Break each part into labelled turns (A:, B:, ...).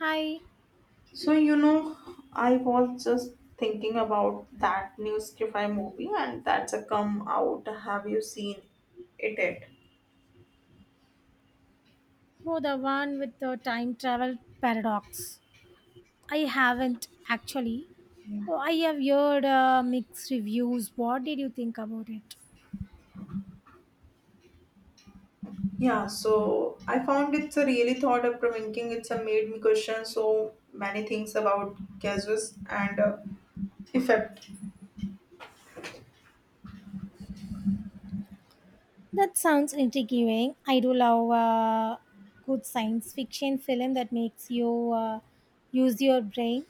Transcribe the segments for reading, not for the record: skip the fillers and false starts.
A: Hi.
B: So, you know, I was just thinking about that new sci-fi movie and that's a come out. Have you seen it yet?
A: Oh, the one with the time travel paradox. I haven't actually.
B: Yeah,
A: Oh, I have heard mixed reviews. What did you think about it?
B: Yeah, so I found it's a really thought of provoking. It's a made me question so many things about causes and effect.
A: That sounds intriguing. I do love a good science fiction film that makes you use your brain.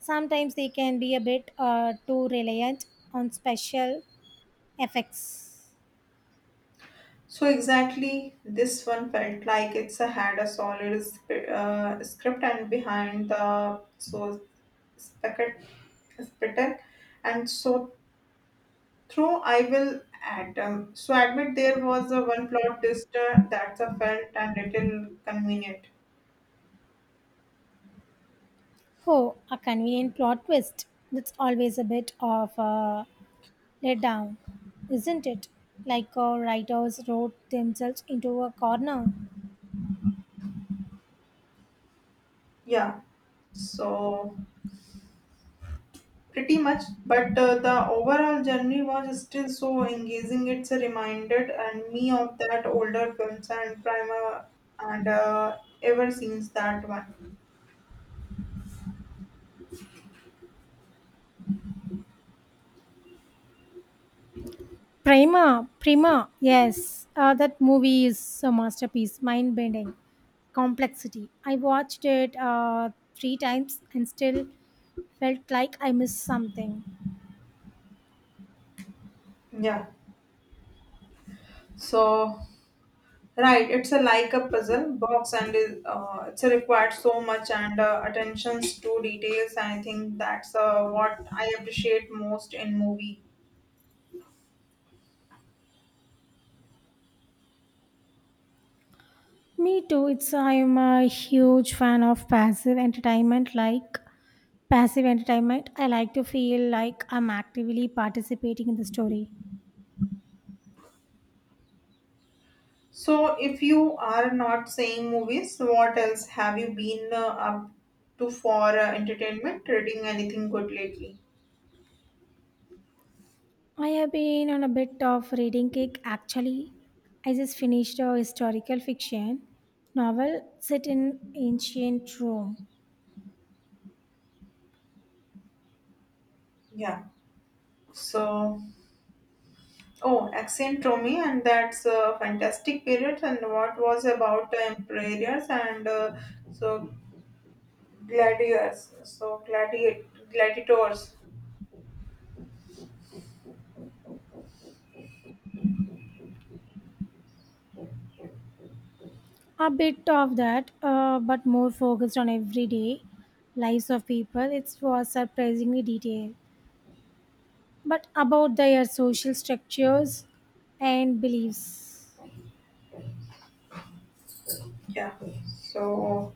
A: Sometimes they can be a bit too reliant on special effects.
B: So exactly, this one felt like it's a, had a solid script and behind the so spectac- spectac- and so Through I will atom. So admit there was a one plot twist that's a felt and little convenient.
A: Oh, a convenient plot twist. That's always a bit of a let down, isn't it? Like our writers wrote themselves into a corner.
B: Yeah. So pretty much, but the overall journey was still so engaging. It's a reminder and me of that older films and primer and ever since that one.
A: Prima, Prima, yes, that movie is a masterpiece, mind bending, complexity. I watched it three times and still felt like I missed something.
B: Yeah. So right, it's a like a puzzle box, and is it's required so much and attentions to details. And I think that's what I appreciate most in movie.
A: Me too. It's I'm a huge fan of passive entertainment. Like passive entertainment, I like to feel like I'm actively participating in the story.
B: So, if you are not seeing movies, what else have you been up to for entertainment? Reading anything good lately?
A: I have been on a bit of reading kick actually. I just finished a historical fiction novel set in ancient Rome.
B: Yeah. So, oh, Accentrome, and that's a fantastic period. And what was about employers and so gladiators.
A: A bit of that, but more focused on everyday lives of people. It was surprisingly detailed, but about their social structures and beliefs.
B: Yeah, so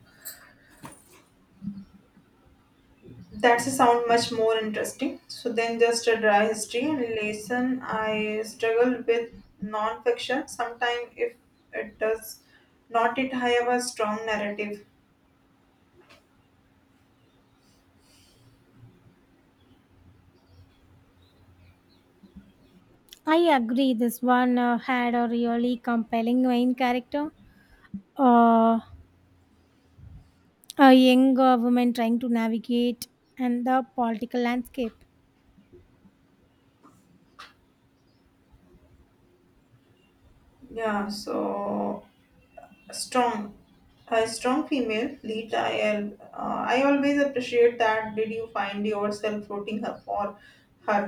B: that's a sound much more interesting so then just a dry history and lesson. I struggled with non-fiction sometimes if it does not it have a strong narrative.
A: I agree, this one had a really compelling main character. Uh, a young woman trying to navigate and the political landscape.
B: Yeah, so strong a strong female lead, I always appreciate that. Did you find yourself rooting her for her?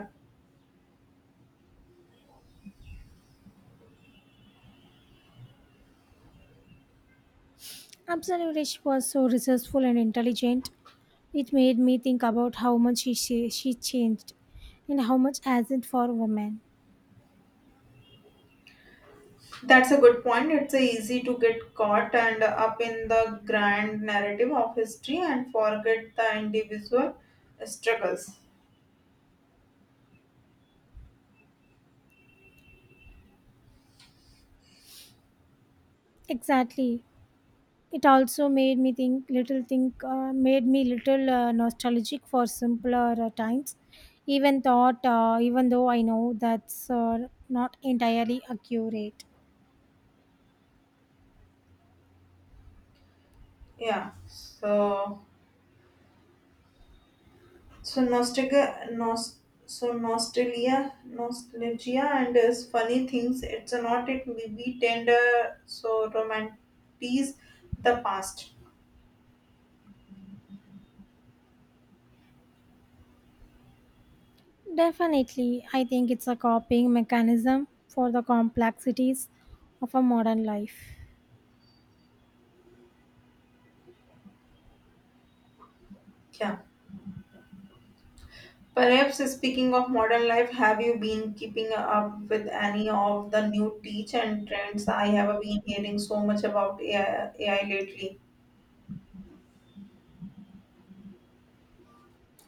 A: Absolutely, she was so resourceful and intelligent. It made me think about how much she changed and how much hasn't for women.
B: That's a good point. It's easy to get caught and up in the grand narrative of history and forget the individual struggles.
A: Exactly. It also made me think little think made me little nostalgic for simpler times. Even thought, even though I know that's not entirely accurate.
B: Yeah. So so nostalgia, nos, so nostalgia, nostalgia, and is funny things. It's not it we tend romanticize the past.
A: Definitely, I think it's a coping mechanism for the complexities of a modern life.
B: Yeah. Perhaps speaking of modern life, have you been keeping up with any of the new teach and trends? I have been hearing so much about AI, lately.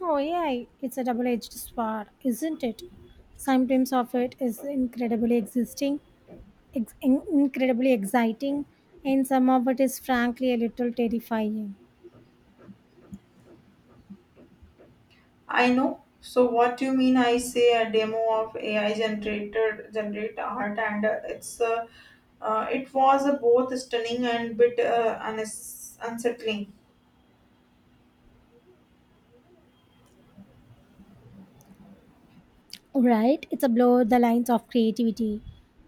A: Oh, yeah, it's a double edged sword, isn't it? Sometimes of it is incredibly existing, incredibly exciting, and some of it is frankly a little terrifying.
B: I know. So what do you mean? I say a demo of AI generated generate art, and it was both stunning and bit unsettling.
A: Right? It's a blow the lines of creativity.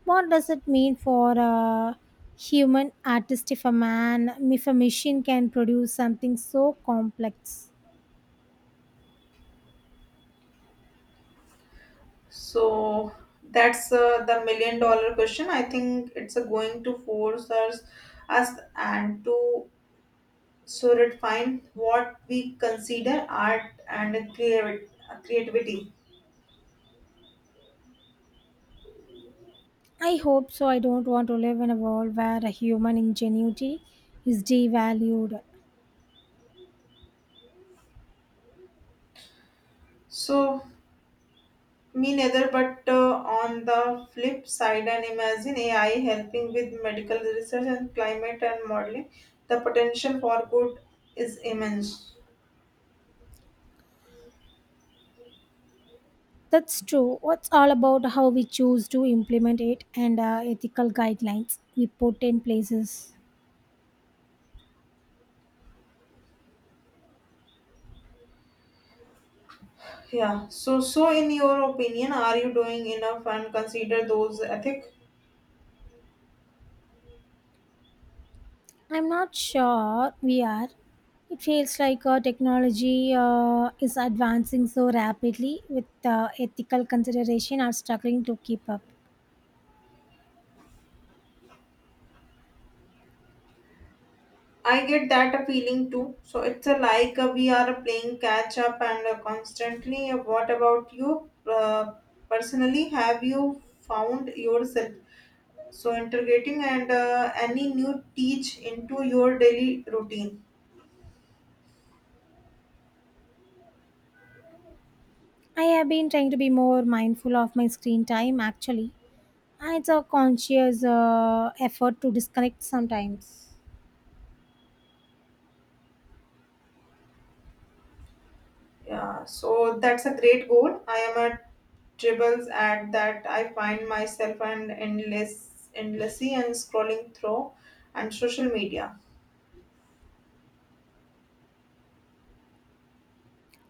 A: What does it mean for a human artist if a man, if a machine can produce something so complex?
B: So that's the million dollar question. I think it's going to force us and to so redefine what we consider art and creativity.
A: I hope so. I don't want to live in a world where a human ingenuity is devalued.
B: So me neither, but on the flip side, and imagine AI helping with medical research and climate and modeling, the potential for good is immense.
A: That's true. It's all about how we choose to implement it and ethical guidelines we put in places.
B: Yeah. So, so in your opinion, are you doing enough and consider those ethic?
A: I'm not sure we are. It feels like technology is advancing so rapidly with ethical consideration are struggling to keep up.
B: I get that a feeling too. So it's a like we are playing catch up and constantly. What about you? Personally, have you found yourself so integrating and any new teach into your daily routine?
A: I have been trying to be more mindful of my screen time actually. And it's a conscious effort to disconnect sometimes.
B: Yeah, so that's a great goal. I am at dribbles at that. I find myself and endlessly and scrolling through and social media.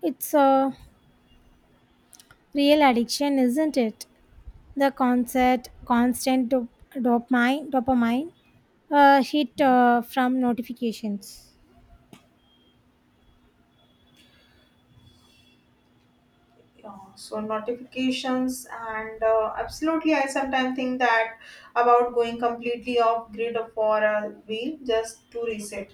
A: It's a real addiction, isn't it? The concept, constant dopamine, dopamine hit from notifications.
B: Yeah, so notifications and absolutely. I sometimes think that about going completely off grid for a week just to reset.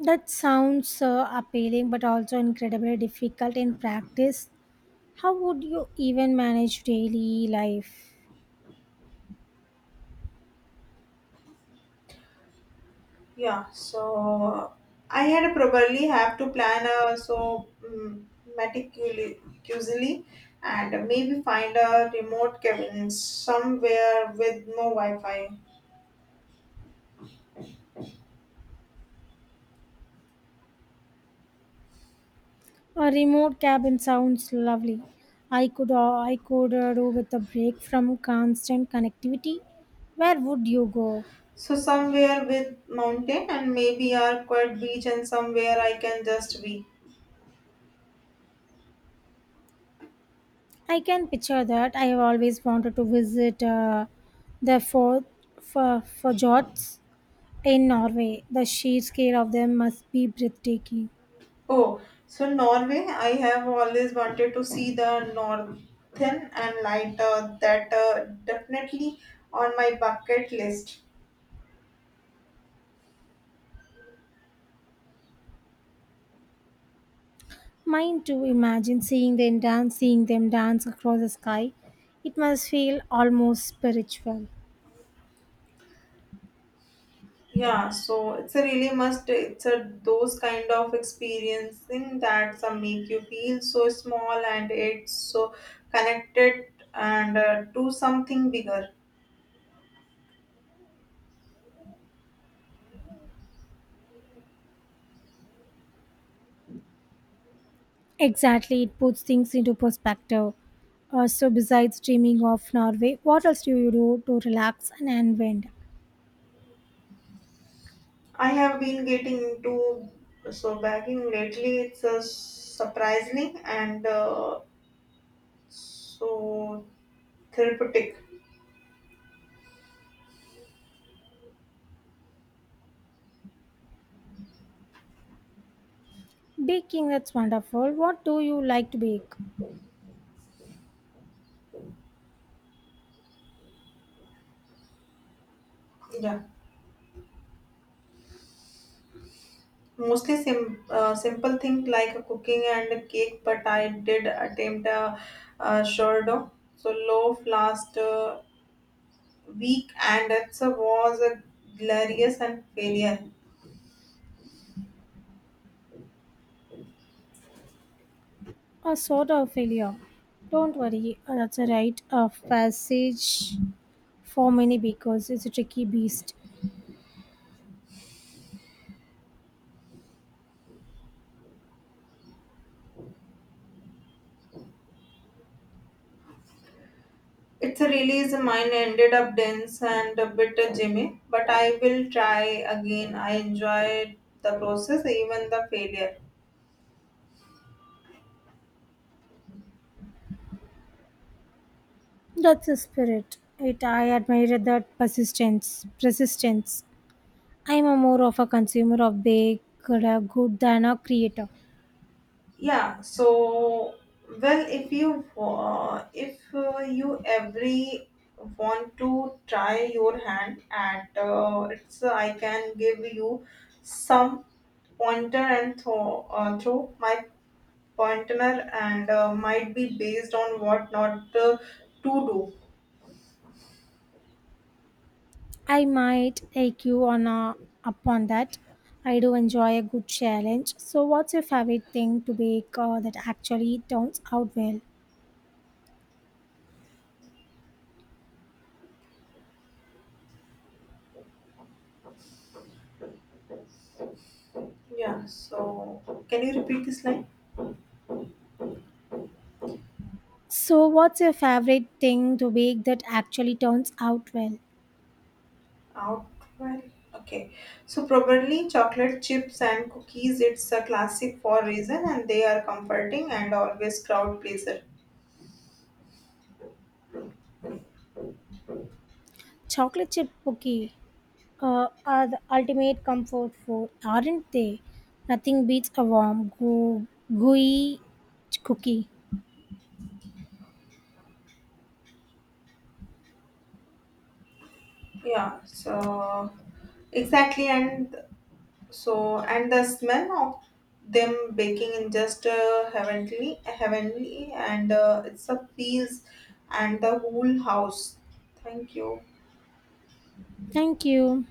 A: That sounds appealing but also incredibly difficult in practice. How would you even manage daily life?
B: Yeah, so I had probably have to plan meticulously and maybe find a remote cabin somewhere with no wi-fi.
A: A remote cabin sounds lovely. I could do with a break from constant connectivity. Where would you go?
B: So somewhere with mountain and maybe a quiet beach and somewhere I can just be.
A: I can picture that. I have always wanted to visit the for fjords in Norway. The sheer scale of them must be breathtaking.
B: Oh, so Norway, I have always wanted to see the northern and light that definitely on my bucket list.
A: Mine too. Imagine seeing them dance across the sky. It must feel almost spiritual.
B: Yeah, so it's a really must. It's a those kind of experiencing that some make you feel so small and it's so connected and to something bigger.
A: Exactly, it puts things into perspective. So, besides dreaming of Norway, what else do you do to relax and unwind?
B: I have been getting into so bagging lately. It's surprising and so therapeutic.
A: Baking, that's wonderful. What do you like to bake?
B: Yeah, mostly simple thing like a cooking and a cake, but I did attempt a sourdough, so loaf last week, and it was a glorious and failure.
A: A sort of failure. Don't worry, that's a rite of passage for many bakers. It's a tricky beast.
B: It's a release mine ended up dense and a bit jimmy, but I will try again. I enjoyed the process, even the failure.
A: That's the spirit. It I admire that persistence. I'm a more of a consumer of baked good than a creator.
B: Yeah so well, if you every want to try your hand at it's I can give you some pointer and throw my pointer and might be based on what not to do.
A: I might take you on a, upon that. I do enjoy a good challenge. So, what's your favorite thing to bake that actually turns out well?
B: Yeah so can you repeat this line.
A: So, what's your favorite thing to bake that actually turns out well?
B: Out well, okay. So probably chocolate chips and cookies. It's a classic for reason, and they are comforting and always crowd pleaser.
A: Chocolate chip cookie are the ultimate comfort food, aren't they? Nothing beats a warm, gooey cookie.
B: Yeah. So exactly, and so and the smell of them baking in just heavenly, and it's a feels and the whole house. Thank you.
A: Thank you.